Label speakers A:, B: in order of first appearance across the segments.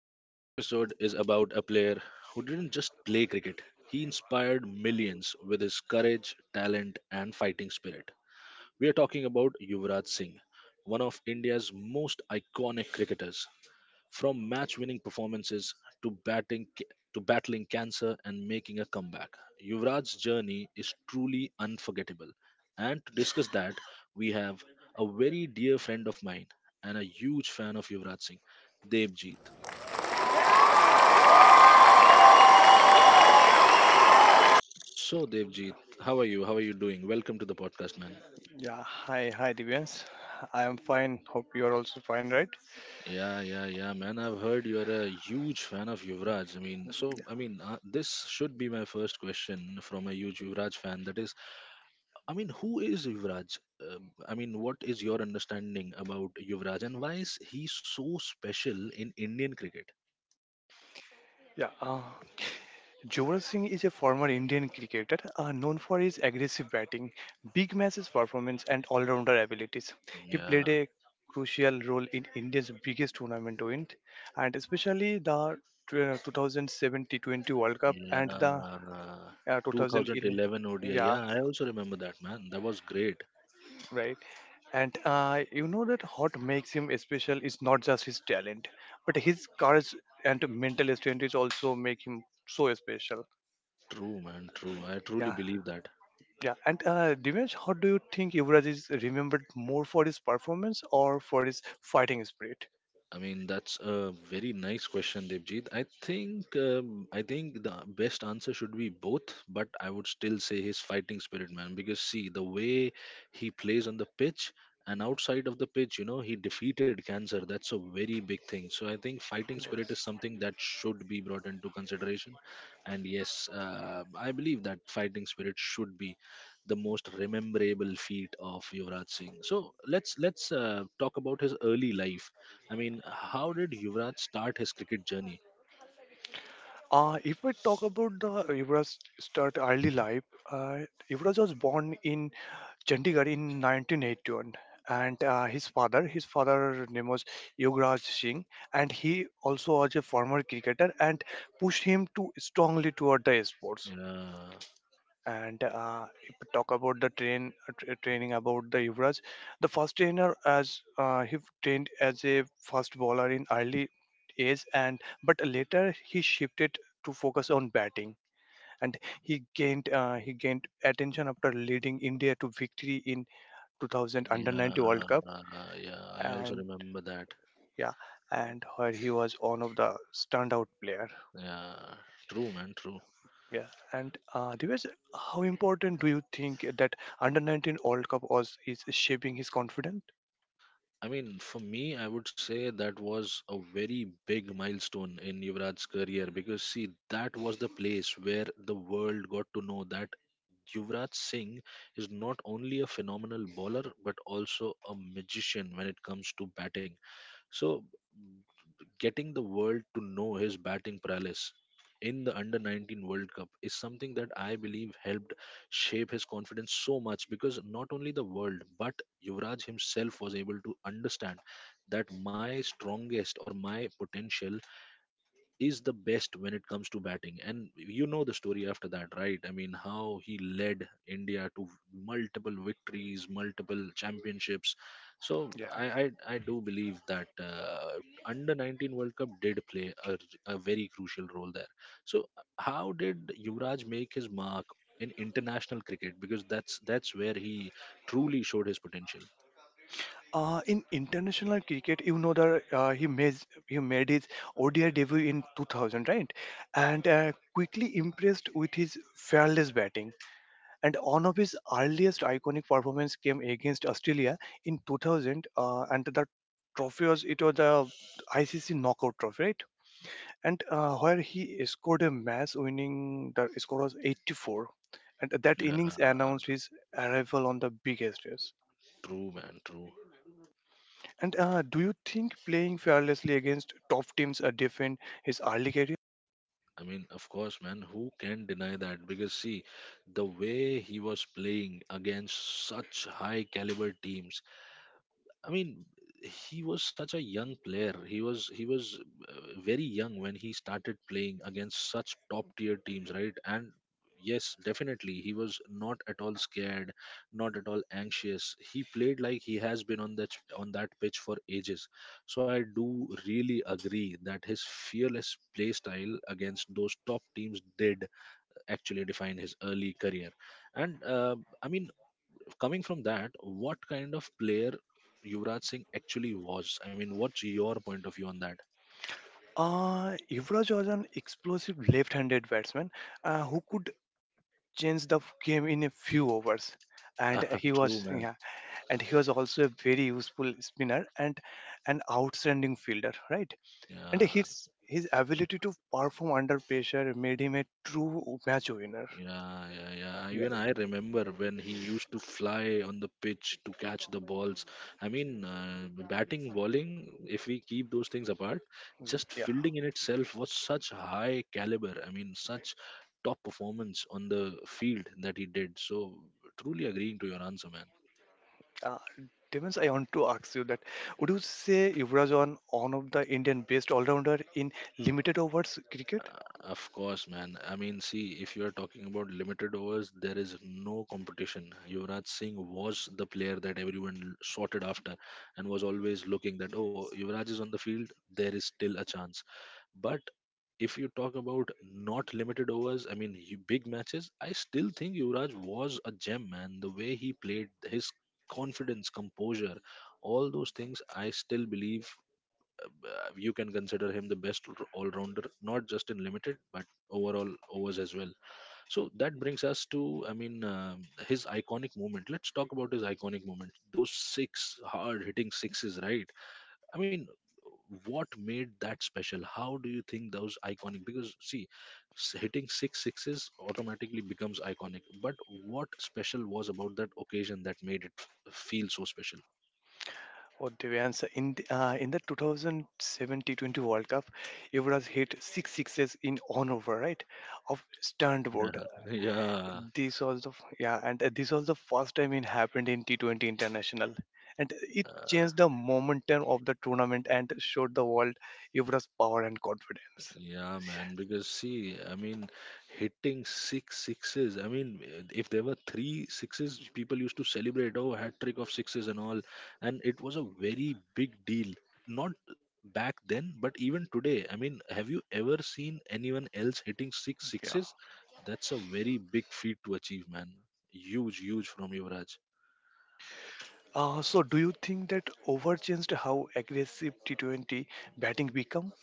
A: Today's episode is about a player who didn't just play cricket, he inspired millions with his courage, talent, and fighting spirit. We are talking about Yuvraj Singh, one of India's most iconic cricketers. From match winning performances to batting to battling cancer and making a comeback, Yuvraj's journey is truly unforgettable. And to discuss that, we have a very dear friend of mine and a huge fan of Yuvraj Singh, Devjeet. So Devjeet, how are you? How are you doing? Welcome to the podcast, man.
B: Yeah, hi, Divyansh. I am fine. Hope you are also fine, right?
A: Yeah, yeah, yeah, man. I've heard you're a huge fan of Yuvraj.
B: Yeah,
A: This should be my first question from a huge Yuvraj fan. That is who is Yuvraj? What is your understanding about Yuvraj and why is he so special in Indian cricket?
B: yeah. Yuvraj Singh is a former Indian cricketer, known for his aggressive batting, big matches performance, and all rounder abilities. He played
A: Yeah,
B: a crucial role in India's biggest tournament win, and especially the 2007 T20 World Cup and the
A: yeah.
B: 2011.
A: 2011 ODI.
B: Yeah,
A: Yeah, I also remember that, man. That was great.
B: right. And you know that what makes him special is not just his talent, but his courage and mental strength is also make him so special.
A: True, man. True. I truly
B: Yeah,
A: believe that.
B: yeah. And Dinesh, how do you think Yuvraj is remembered, more for his performance or for his fighting spirit?
A: I mean, that's a very nice question, Devjit. I think the best answer should be both, but I would still say his fighting spirit, man. Because see, the way he plays on the pitch and outside of the pitch, you know, he defeated cancer. That's a very big thing. So I think fighting spirit is something that should be brought into consideration. And yes, I believe that fighting spirit should be the most rememberable feat of Yuvraj Singh. So let's talk about his early life. I mean, how did Yuvraj start his cricket journey?
B: If we talk about the Yuvraj start early life, uh, Yuvraj was born in Chandigarh in 1981, and his father name was Yuvraj Singh, and he also was a former cricketer and pushed him to strongly toward the sports.
A: Yeah,
B: And if we talk about the training about the Yuvraj, the first trainer as he trained as a fast bowler in early age, and but later he shifted to focus on batting, and he gained attention after leading India to victory in 2000 Under 90 World Cup,
A: yeah, yeah. I also
B: and
A: remember that.
B: yeah, and where he was one of the standout player.
A: Yeah, true, man, true.
B: Yeah. And Divyesh, how important do you think that under 19 World Cup was is shaping his confidence?
A: I mean, for me, I would say that was a very big milestone in Yuvraj's career because, see, that was the place where the world got to know that Yuvraj Singh is not only a phenomenal bowler but also a magician when it comes to batting. So getting the world to know his batting prowess in the under 19 World Cup is something that I believe helped shape his confidence so much because not only the world but Yuvraj himself was able to understand that my strongest or my potential is the best when it comes to batting. And you know the story after that, right? I mean, how he led India to multiple victories, multiple championships. So
B: Yeah.
A: I do believe that under 19 world cup did play a very crucial role there. So how did Yuvraj make his mark in international cricket, because that's where he truly showed his potential.
B: In international cricket, you know that he made his ODI debut in 2000, right? And quickly impressed with his fearless batting. And one of his earliest iconic performance came against Australia in 2000, and the trophy was it was the ICC knockout trophy, right? And where he scored a match winning, the score was 84, and that
A: Yeah,
B: innings announced his arrival on the biggest stage.
A: true, man, true.
B: And do you think playing fearlessly against top teams defined his early career?
A: I mean, of course, man, who can deny that? Because see, the way he was playing against such high caliber teams, I mean, he was such a young player. He was very young when he started playing against such top tier teams, right? And yes, definitely, he was not at all scared, not at all anxious. He played like he has been on that pitch for ages. So I do really agree that his fearless play style against those top teams did actually define his early career. And uh, I mean, Coming from that, what kind of player Yuvraj Singh actually was? I mean, what's your point of view on that?
B: Yuvraj was an explosive left-handed batsman, who could change the game in a few overs.
A: Yeah,
B: And he was
A: true, man.
B: Yeah, and he was also a very useful spinner and an outstanding fielder, right. And
A: Yeah,
B: his ability to perform under pressure made him a true match winner.
A: yeah, yeah, yeah.
B: Yeah,
A: Even I remember when he used to fly on the pitch to catch the balls. I mean, batting, bowling, if we keep those things apart, just
B: yeah.
A: fielding in itself was such high caliber. I mean, such top performance on the field that he did. So, truly agreeing to your answer, man.
B: Uh, Demons, I want to ask you that: would you say Yuvraj on one of the Indian best all-rounder in limited overs
A: Uh,
B: cricket?
A: Of course, man. I mean, see, if you are talking about limited overs, there is no competition. Yuvraj Singh was the player that everyone sorted after and was always looking that, oh, Yuvraj is on the field, there is still a chance. But if you talk about not limited overs, I mean, big matches, I still think Yuvraj was a gem, man. The way he played, his confidence, composure, all those things, I still believe you can consider him the best all rounder, not just in limited but overall overs as well. So that brings us to, I mean, His iconic moment. Let's talk about his iconic moment. Those six hard hitting sixes, right? I mean, what made that special? How do you think those iconic? Because see, hitting six sixes automatically becomes iconic. But what special was about that occasion that made it feel so special?
B: Or Devans, in the 2007 T20 World Cup, Yuvraj hit six sixes in one over, right? Of stunned board.
A: Yeah, yeah,
B: This was the f- Yeah, and this was the first time it happened in T20 International, and it
A: yeah.
B: changed the momentum of the tournament and showed the world Yuvraj's power and confidence.
A: Yeah, man, because see, I mean, hitting six sixes. I mean, if there were three sixes, people used to celebrate, oh, hat trick of sixes and all. And it was a very big deal. Not back then, but even today. I mean, have you ever seen anyone else hitting six
B: Yeah.
A: sixes? That's a very big feat to achieve, man. Huge, huge from Yuvraj.
B: So, do you think that over changed how aggressive T20 batting become?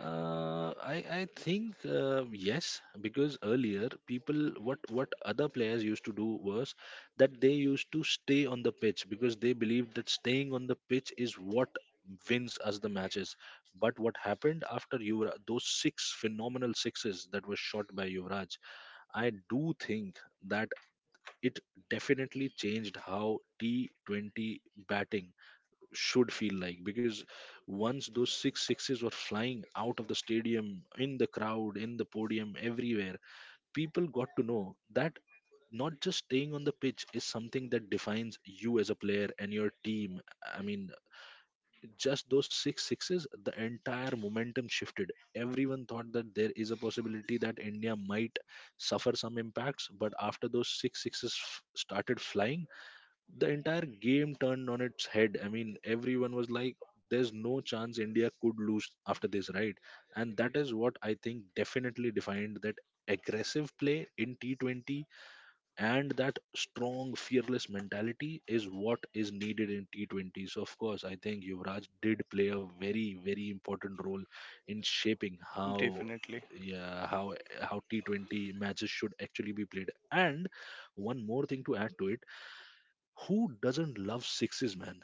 A: I think yes, because earlier people what other players used to do was that they used to stay on the pitch because they believed that staying on the pitch is what wins us the matches. But what happened after Yuvraj, those six phenomenal sixes that were shot by Yuvraj, I do think that it definitely changed how T20 batting should feel like, because once those six sixes were flying out of the stadium, in the crowd, in the podium, everywhere, people got to know that not just staying on the pitch is something that defines you as a player and your team. I mean, just those six sixes, the entire momentum shifted. Everyone thought that there is a possibility that India might suffer some impacts, but after those six sixes started flying, the entire game turned on its head. I mean, everyone was like, there's no chance India could lose after this, right? And that is what I think definitely defined that aggressive play in T20, and that strong, fearless mentality is what is needed in T20. So, of course, I think Yuvraj did play a very, very important role in shaping how.
B: Definitely.
A: Yeah, how T 20 matches should actually be played, and one more thing to add to it, who doesn't love sixes, man?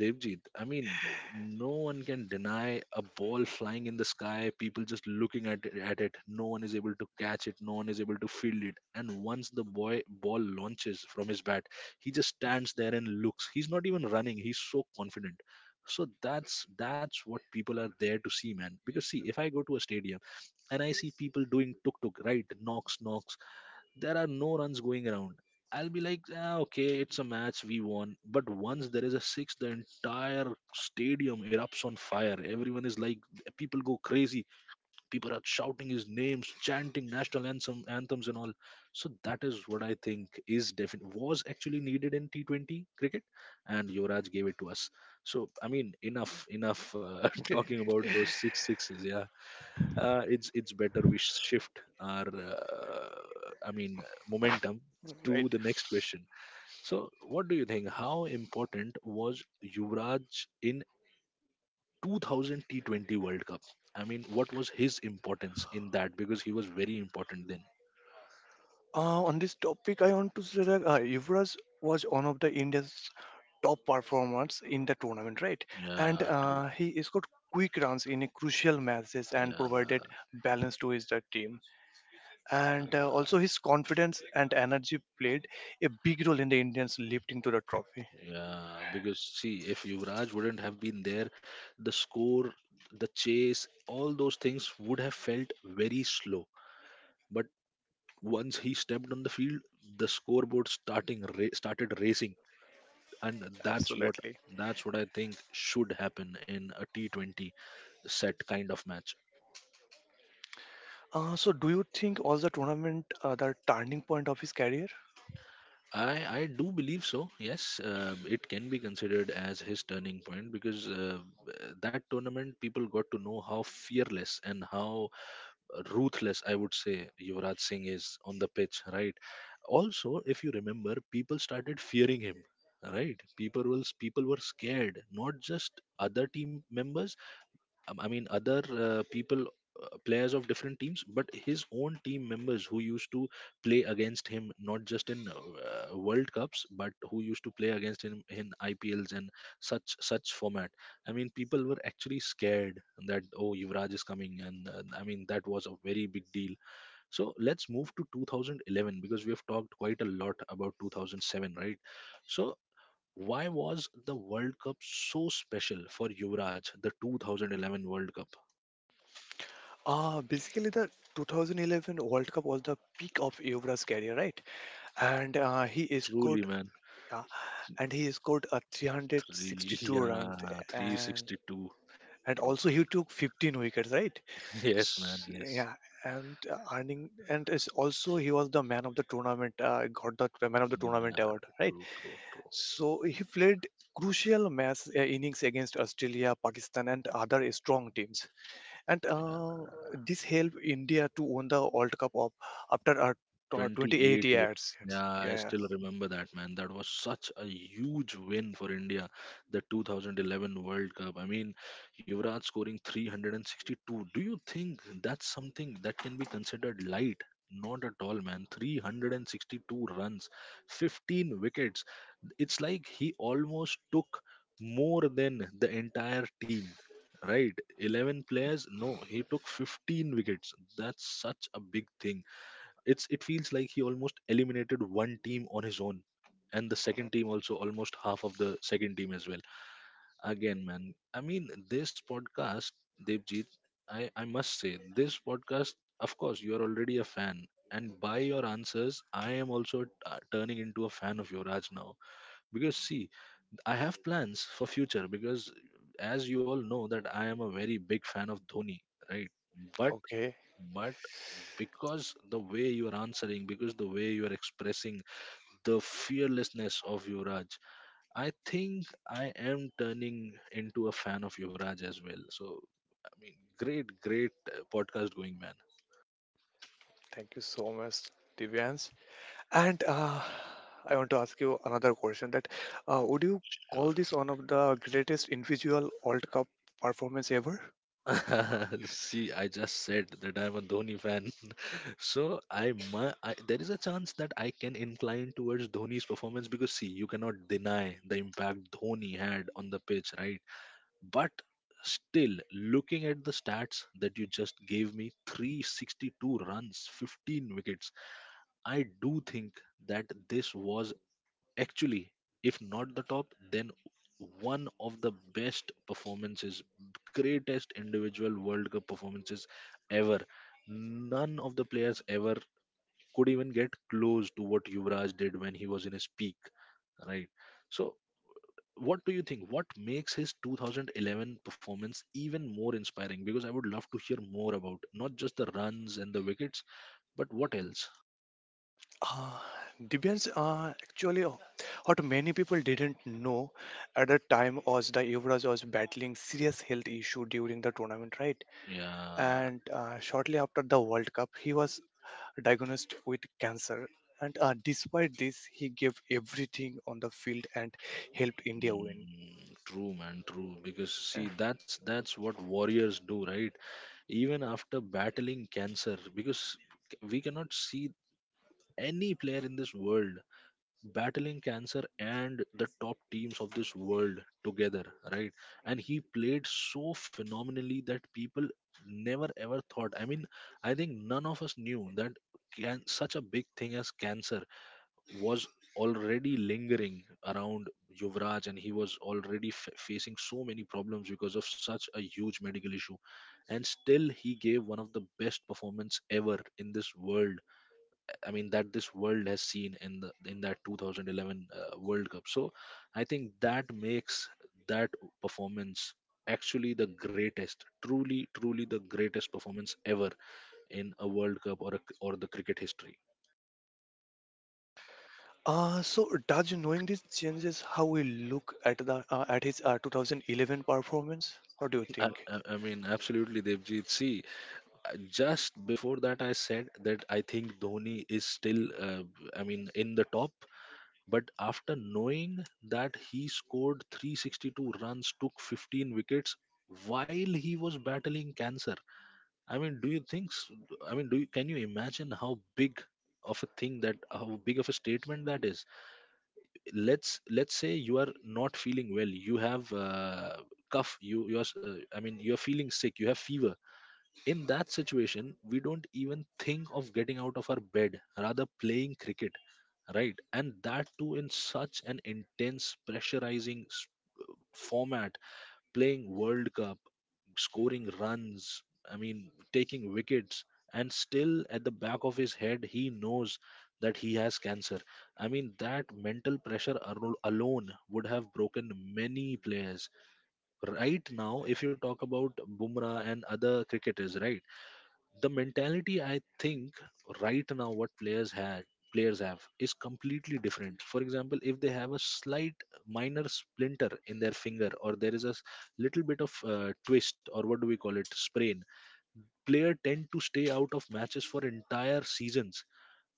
A: Devjit, I mean, no one can deny a ball flying in the sky, people just looking at it. No one is able to catch it, no one is able to field it. And once the boy ball launches from his bat, he just stands there and looks. He's not even running, he's so confident. So that's what people are there to see, man. Because see, if I go to a stadium and I see people doing tuk tuk, right? Knocks, knocks, there are no runs going around. I'll be like, ah, okay, it's a match, we won. But once there is a six, the entire stadium erupts on fire. Everyone is like, people go crazy. People are shouting his names, chanting national anthem, anthems and all. So that is what I think is definite was actually needed in T20 cricket, and Yuvraj gave it to us. So I mean, enough talking about those six sixes. Yeah, it's better we shift our i mean momentum to
B: Right.
A: the next question. So what do you think, how important was Yuvraj in 2000 T20 world cup? I mean, what was his importance in that, because he was very important then.
B: On this topic, I want to say that Yuvraj was one of the India's top performers in the tournament, right? And
A: Yeah, true.
B: he scored quick runs in a crucial matches and
A: Yeah,
B: provided balance to his team. And also
A: yeah,
B: his confidence and energy played a big role in the Indians lifting to the trophy.
A: yeah, because see, if Yuvraj wouldn't have been there, the score, the chase, all those things would have felt very slow. But once he stepped on the field, the scoreboard started racing, and that's what
B: Absolutely.
A: that's what I think should happen in a T20 set kind of match.
B: So, do you think was the tournament the turning point of his career?
A: I do believe so. Yes, it can be considered as his turning point, because that tournament people got to know how fearless and how ruthless, I would say, Yuvraj Singh is on the pitch, right? Also, if you remember, people started fearing him, right? People were scared, not just other team members, players of different teams, but his own team members who used to play against him, not just in World Cups, but who used to play against him in IPLs and such format. I mean, people were actually scared that, oh, Yuvraj is coming, and I mean that was a very big deal. So let's move to 2011, because we have talked quite a lot about 2007, right? So why was the World Cup so special for Yuvraj, the 2011 World Cup?
B: Basically, the 2011 World Cup was the peak of Yuvraj's career, right? And
A: Yeah,
B: he
A: truly,
B: scored
A: man.
B: yeah, and he scored
A: Three,
B: 362 runs.
A: yeah,
B: and
A: 362. True.
B: and also he took 15 wickets, right.
A: Yes, man.
B: S
A: Yes.
B: Yeah. And earning and is also he was the man of the tournament, got the man of the
A: Yeah,
B: tournament award, right.
A: true, true, true.
B: So he played crucial match innings against Australia, Pakistan and other strong teams. And
A: Yeah.
B: this helped India to win the world cup of after 28
A: 28 years.
B: years.
A: Yeah, I
B: Yeah,
A: still remember that, man. That was such a huge win for India, the 2011 World Cup. I mean, Yuvraj scoring 362. Do you think that's something that can be considered light? Not at all, man. 362 runs, 15 wickets. It's like he almost took more than the entire team. Right, 11 players. No, he took 15 wickets. That's such a big thing, it's it feels like he almost eliminated one team on his own and the second team also, almost half of the second team as well. Again, man, this podcast, Devjit, I must say this podcast, of course you are already a fan, and by your answers I am also turning into a fan of Yuvraj now. Because see, I have plans for future because as you all know that I am a very big fan of Dhoni, right? but
B: okay.
A: but because the way you are answering, because the way you are expressing the fearlessness of Yuvraj, I think I am turning into a fan of Yuvraj as well. So, I mean, great, great podcast going, man.
B: Thank you so much, Divyans. And I want to ask you another question, that would you call
A: Sure.
B: this one of the greatest individual World Cup performance ever?
A: See, I just said that I'm a Dhoni fan, so I there is a chance that I can incline towards Dhoni's performance because see, you cannot deny the impact Dhoni had on the pitch, right? But still, looking at the stats that you just gave me, 362 runs, 15 wickets, I do think that this was actually, if not the top, then one of the best performances, greatest individual World Cup performances ever. None of the players ever could even get close to what Yuvraj did when he was in his peak, right? So what do you think? What makes his 2011 performance even more inspiring? Because I would love to hear more about not just the runs and the wickets, but what else?
B: Uh, Divyans, actually, what many people didn't know at the time was the Yuvraj was battling serious health issue during the tournament, right?
A: Yeah,
B: And shortly after the World Cup, he was diagnosed with cancer. And despite this, he gave everything on the field and helped India win.
A: true, man, true. Because
B: Yeah.
A: see, that's what warriors do, right? Even after battling cancer, because we cannot see any player in this world battling cancer and the top teams of this world together, right? And he played so phenomenally that people never ever thought. I mean, I think none of us knew that, can, such a big thing as cancer was already lingering around Yuvraj, and he was already facing so many problems because of such a huge medical issue, and still he gave one of the best performance ever in this world, I mean, that this world has seen in the, in that 2011 World Cup. So I think that makes that performance actually the greatest, truly, truly the greatest performance ever in a World Cup or a, or the cricket history.
B: So Raj, knowing this changes how we look at the at his 2011 performance. What do you
A: I,
B: think?
A: I I mean, absolutely, Devjit. See, just before that, I said that I think Dhoni is still, I mean, in the top. But after knowing that he scored 362 runs, took 15 wickets while he was battling cancer, I mean, do you think? I mean, do you, can you imagine how big of a thing, that how big of a statement that is? Let's say you are not feeling well, you have cough, I mean, you're feeling sick, you have fever. In that situation, we don't even think of getting out of our bed, rather playing cricket, right? And that too in such an intense pressurizing format, playing World Cup, scoring runs, I mean taking wickets, and still at the back of his head he knows that he has cancer. I mean, that mental pressure alone would have broken many players. Right now if you talk about Bumrah and other cricketers, right, the mentality, I think, right now what players have is completely different. For example, if they have a slight minor splinter in their finger, or there is a little bit of twist or what do we call it, sprain, player tend to stay out of matches for entire seasons.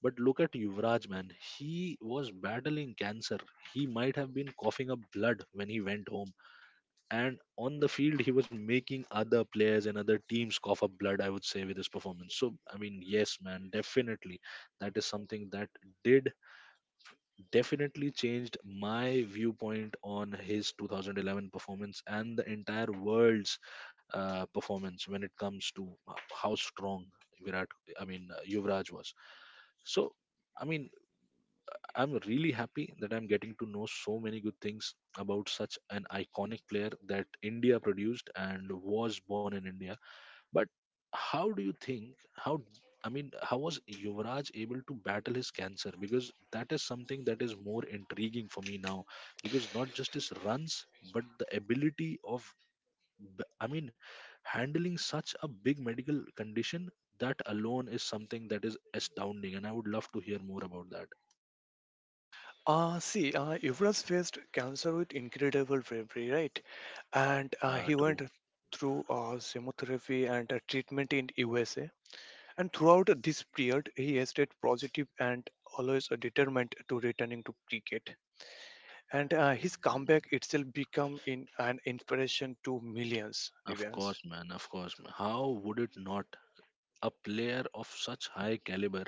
A: But look at Yuvraj, man. He was battling cancer. He might have been coughing up blood when he went home, and on the field he was making other players and other teams cough up blood, I would say, with his performance. So I mean, yes man, definitely that is something that did definitely changed my viewpoint on his 2011 performance and the entire world's performance when it comes to how strong virat I mean Yuvraj was. So I mean, I'm really happy that I'm getting to know so many good things about such an iconic player that India produced and was born in India. But how do you think, how, I mean, how was Yuvraj able to battle his cancer? Because that is something that is more intriguing for me now, because not just his runs, but the ability of, I mean, handling such a big medical condition, that alone is something that is astounding, and I would love to hear more about that.
B: See, Yuvraj faced cancer with incredible bravery, right? And
A: Yeah,
B: he went
A: true.
B: through chemotherapy and treatment in USA. And throughout this period, he has stayed positive and always determined to returning to cricket. And his comeback itself become in an inspiration to millions,
A: Of
B: Divyans.
A: course, man. Of course, man. How would it not? A player of such high caliber,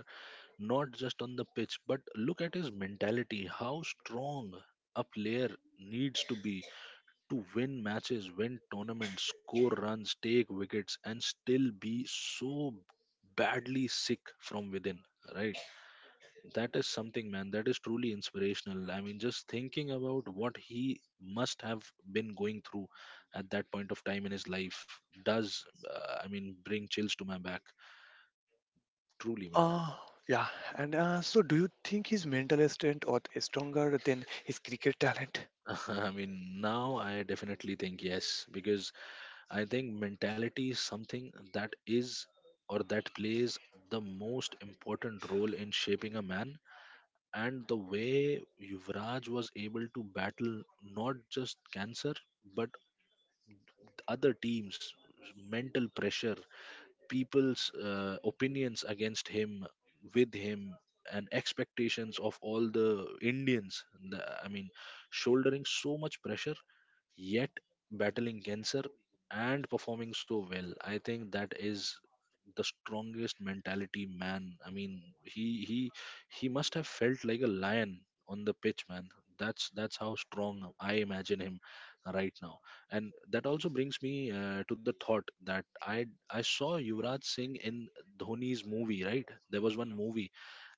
A: not just on the pitch, but look at his mentality. How strong a player needs to be to win matches, win tournaments, score runs, take wickets, and still be so badly sick from within, right? That is something, man. That is truly inspirational. I mean, just thinking about what he must have been going through at that point of time in his life does, I mean, bring chills to my back. Truly, man.
B: Uh, yeah. And so, do you think his mental strength or is stronger than his cricket talent?
A: I mean, now I definitely think yes, because I think mentality is something that is, or that plays the most important role in shaping a man. And the way Yuvraj was able to battle not just cancer, but other teams, mental pressure, people's opinions against him, with him, and expectations of all the Indians. I mean, shouldering so much pressure, yet battling cancer and performing so well, I think that is the strongest mentality, man. I mean, he he must have felt like a lion on the pitch, man. That's how strong I imagine him right now. And that also brings me to the thought that, I saw Yuvraj Singh in Dhoni's movie, right? There was one movie,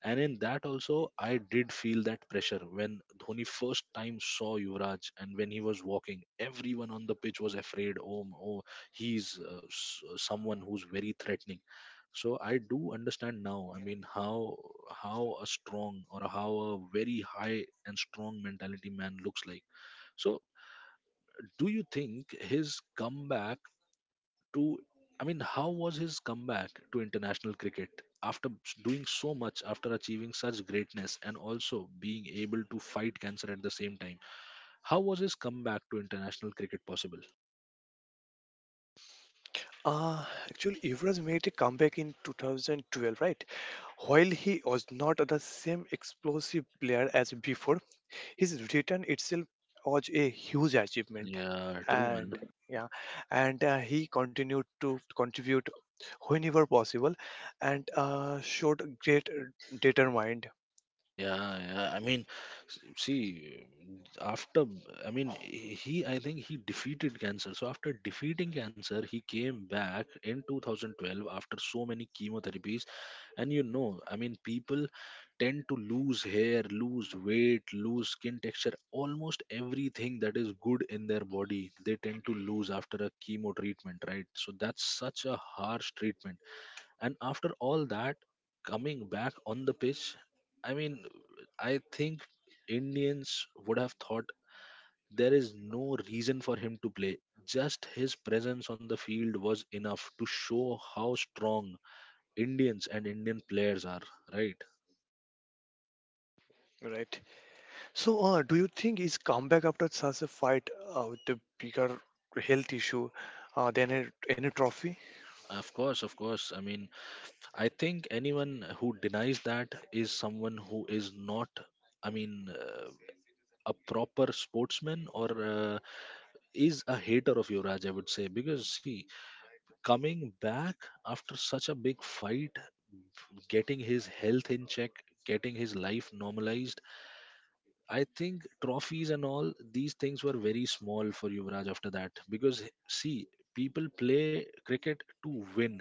A: and in that also, I did feel that pressure when Dhoni first time saw Yuvraj, and when he was walking, everyone on the pitch was afraid. Oh, oh, he's someone who's very threatening. So I do understand now. I mean, how a strong, or how a very high and strong mentality man looks like. So do you think his comeback to, I mean, how was his comeback to international cricket after doing so much, after achieving such greatness, and also being able to fight cancer at the same time? How was his comeback to international cricket possible?
B: Actually, Yuvraj made a comeback in 2012, right? While he was not the same explosive player as before, his return itself was a huge achievement.
A: Yeah, true, man.
B: And yeah, and he continued to contribute whenever possible, and showed great determined,
A: Yeah, yeah. I mean, see, after, I mean, I think he defeated cancer. So after defeating cancer, he came back in 2012 after so many chemotherapies. And you know, I mean, people tend to lose hair, lose weight, lose skin texture, almost everything that is good in their body, they tend to lose after a chemo treatment, right? So that's such a harsh treatment. And after all that, coming back on the pitch, I mean, I think Indians would have thought there is no reason for him to play. Just his presence on the field was enough to show how strong Indians and Indian players are, right?
B: right. So, do you think his comeback after such a fight with the bigger health issue than any trophy?
A: Of course, of course. I mean, I think anyone who denies that is someone who is not, I mean, a proper sportsman, or is a hater of Yuvraj, I would say. Because, see, coming back after such a big fight, getting his health in check, getting his life normalized, I think trophies and all these things were very small for Yuvraj after that. Because, see, people play cricket to win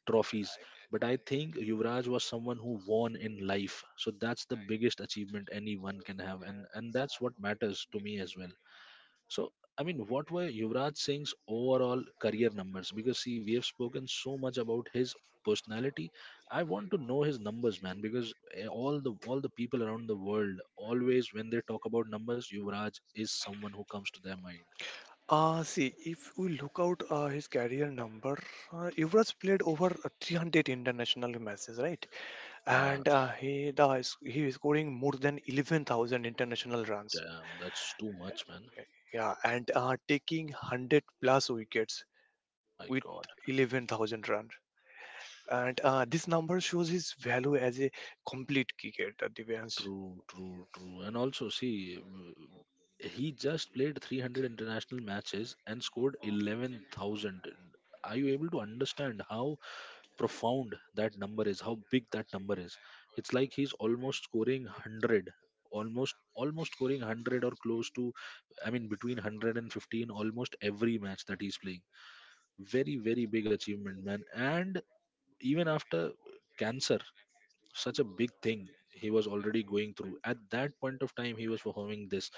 A: trophies. But I think Yuvraj was someone who won in life. So that's the biggest achievement anyone can have. And that's what matters to me as well. So, I mean, what were Yuvraj Singh's overall career numbers? Because, see, we have spoken so much about his personality. I want to know his numbers, man. Because, all the people around the world always, when they talk about numbers, Yuvraj is someone who comes to their mind.
B: See, if we look out his career number, Yuvraj played over 300 international matches, right?
A: Yeah.
B: And he is scoring more than 11,000 international runs.
A: Damn, that's too much, man.
B: Yeah. And taking 100 plus wickets
A: My
B: with
A: god.
B: 11,000 runs. And this number shows his value as a complete cricketer, Divyansh.
A: True, true, true. And also, see, he just played 300 international matches and scored 11,000. Are you able to understand how profound that number is? How big that number is? It's like he's almost scoring 100, almost scoring 100, or close to, I mean, between 115, almost every match that he's playing. Very very big achievement, man. And even after cancer, such a big thing he was already going through. At that point of time he was performing this.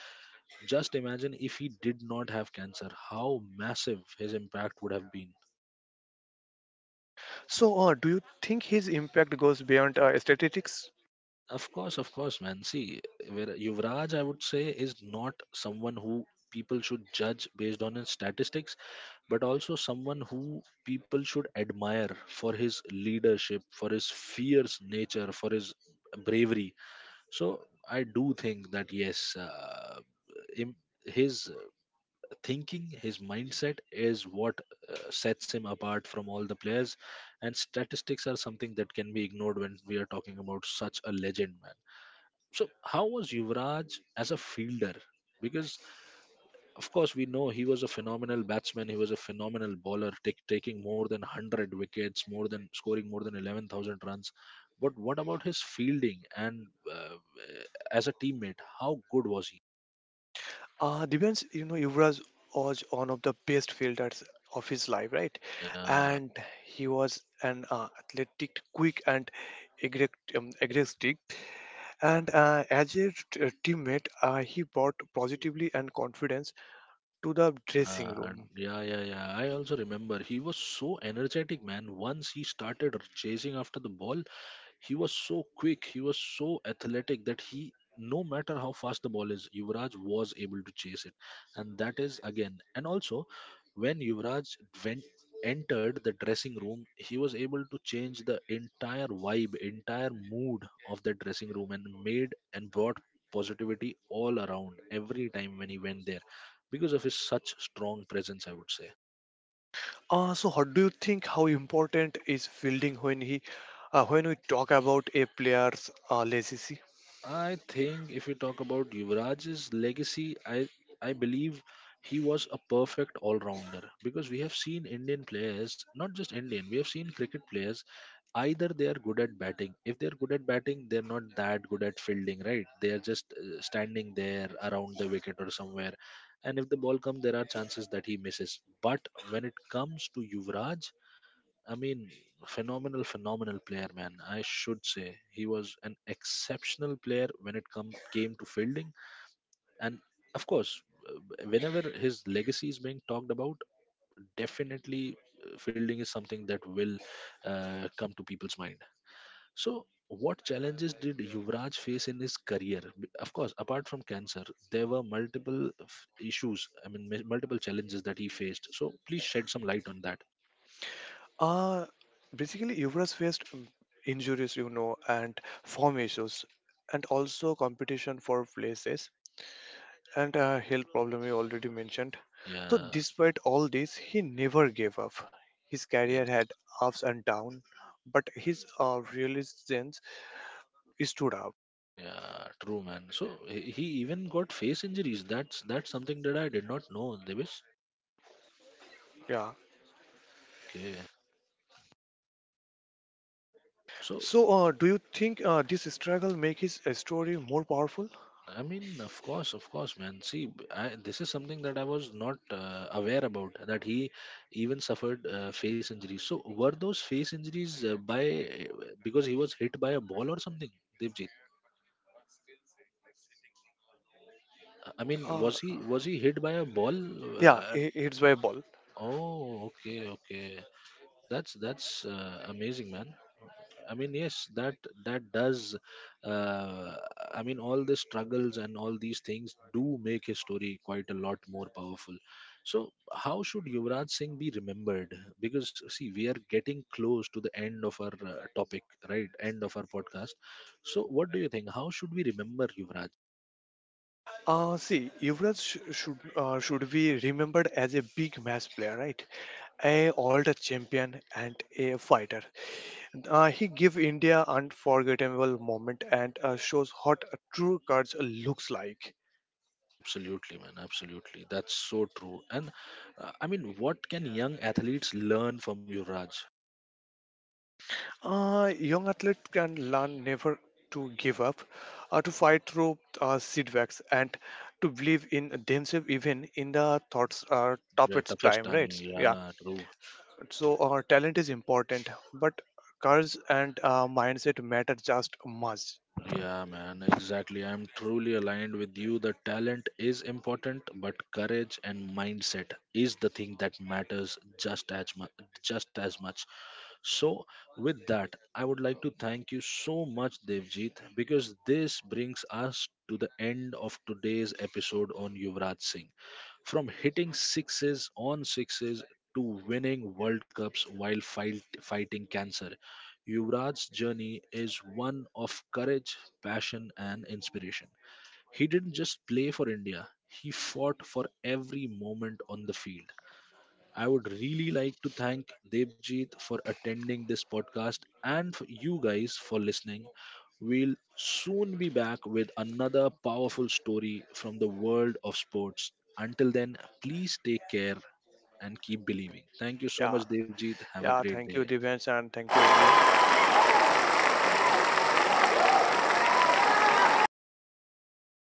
A: Just imagine if he did not have cancer, how massive his impact would have been.
B: So, do you think his impact goes beyond statistics?
A: Of course, of course, man. See, where Yuvraj, I would say, is not someone who people should judge based on his statistics, but also someone who people should admire for his leadership, for his fierce nature, for his bravery. So I do think that yes, im- his thinking, his mindset is what sets him apart from all the players. And statistics are something that can be ignored when we are talking about such a legend, man. So, how was Yuvraj as a fielder? Because, of course, we know he was a phenomenal batsman, he was a phenomenal bowler, taking more than 100 wickets, more than scoring more than 11,000 runs. But what about his fielding and uh, as a teammate? How good was he?
B: Divyansh, Yuvraj was one of the best fielders of his life, right?
A: Yeah.
B: And he was an athletic, quick, and aggressive. Um, aggressive. And as a teammate, he brought positively and confidence to the dressing room.
A: Yeah, yeah, yeah, I also remember he was so energetic, man. Once he started chasing after the ball, he was so quick, he was so athletic that he, no matter how fast the ball is, Yuvraj was able to chase it. And that is again, and also when Yuvraj went entered the dressing room, he was able to change the entire vibe, entire mood of that dressing room, and made and brought positivity all around every time when he went there, because of his such strong presence, I would say.
B: So, what do you think? How important is fielding when when we talk about a player's legacy?
A: I think if we talk about Yuvraj's legacy, I believe he was a perfect all-rounder, because we have seen Indian players, not just Indian, we have seen cricket players. Either they are good at batting. If they are good at batting, they are not that good at fielding, right? They are just standing there around the wicket or somewhere, and if the ball comes, there are chances that he misses. But when it comes to Yuvraj, I mean, phenomenal, phenomenal player, man. I should say he was an exceptional player when it come came to fielding, and of course, whenever his legacy is being talked about, definitely fielding is something that will come to people's mind. So, what challenges did Yuvraj face in his career? Of course, apart from cancer, there were multiple issues. I mean, multiple challenges that he faced. So, please shed some light on that.
B: Uh, Basically, Yuvraj faced injuries, and form issues, and also competition for places, and health problem you already mentioned. So,
A: Yeah.
B: despite all this, he never gave up. His career
A: Yes.
B: had ups and downs, but his resilience stood out.
A: Yeah, true, man. So he even got face injuries. That's something that I did not know, Devish.
B: Yeah.
A: Okay. So,
B: So, do you think this struggle make his story more powerful?
A: I mean, of course, man. See, this is something that I was not aware about, that he even suffered face injuries. So, were those face injuries by because he was hit by a ball or something, Devjit? I mean,
B: Uh,
A: was he hit by a ball?
B: yeah,
A: Uh,
B: it's viable.
A: oh, okay, okay. That's amazing, man. I mean, yes, that does. Uh, I mean, all the struggles and all these things do make his story quite a lot more powerful. So, how should Yuvraj Singh be remembered? Because, see, we are getting close to the end of our topic, right? End of our podcast. So, what do you think? How should we remember Yuvraj?
B: See, Yuvraj should be remembered as a big match player, right? A all-time champion and a fighter. He gave India unforgettable moment and shows what a true courage looks like.
A: Absolutely, man. Absolutely, that's so true. And I mean, what can young athletes learn from Yuvraj?
B: Young athletes can learn never to give up, to fight through setbacks, and to believe in themselves even in the thoughts are
A: Yeah,
B: toughest
A: toughest
B: time,
A: time.
B: right? Yeah.
A: Yeah, true.
B: So talent is important, but courage and mindset matter just much.
A: Yeah, man, exactly. I'm truly aligned with you. The talent is important, but courage and mindset is the thing that matters just as much. Just as much. So, with that, I would like to thank you so much, Devjit, because this brings us to the end of today's episode on Yuvraj Singh. From hitting sixes on sixes to winning World Cups while fighting cancer, Yuvraj's journey is one of courage, passion, and inspiration. He didn't just play for India, he fought for every moment on the field. I would really like to thank Devjit for attending this podcast and for you guys for listening. We'll soon be back with another powerful story from the world of sports. Until then, please take care and keep believing. Thank you so
B: Yeah.
A: much, Devjit. Have a
B: Yeah.
A: great
B: Thank
A: day.
B: you, Divyansh, and thank you, everyone.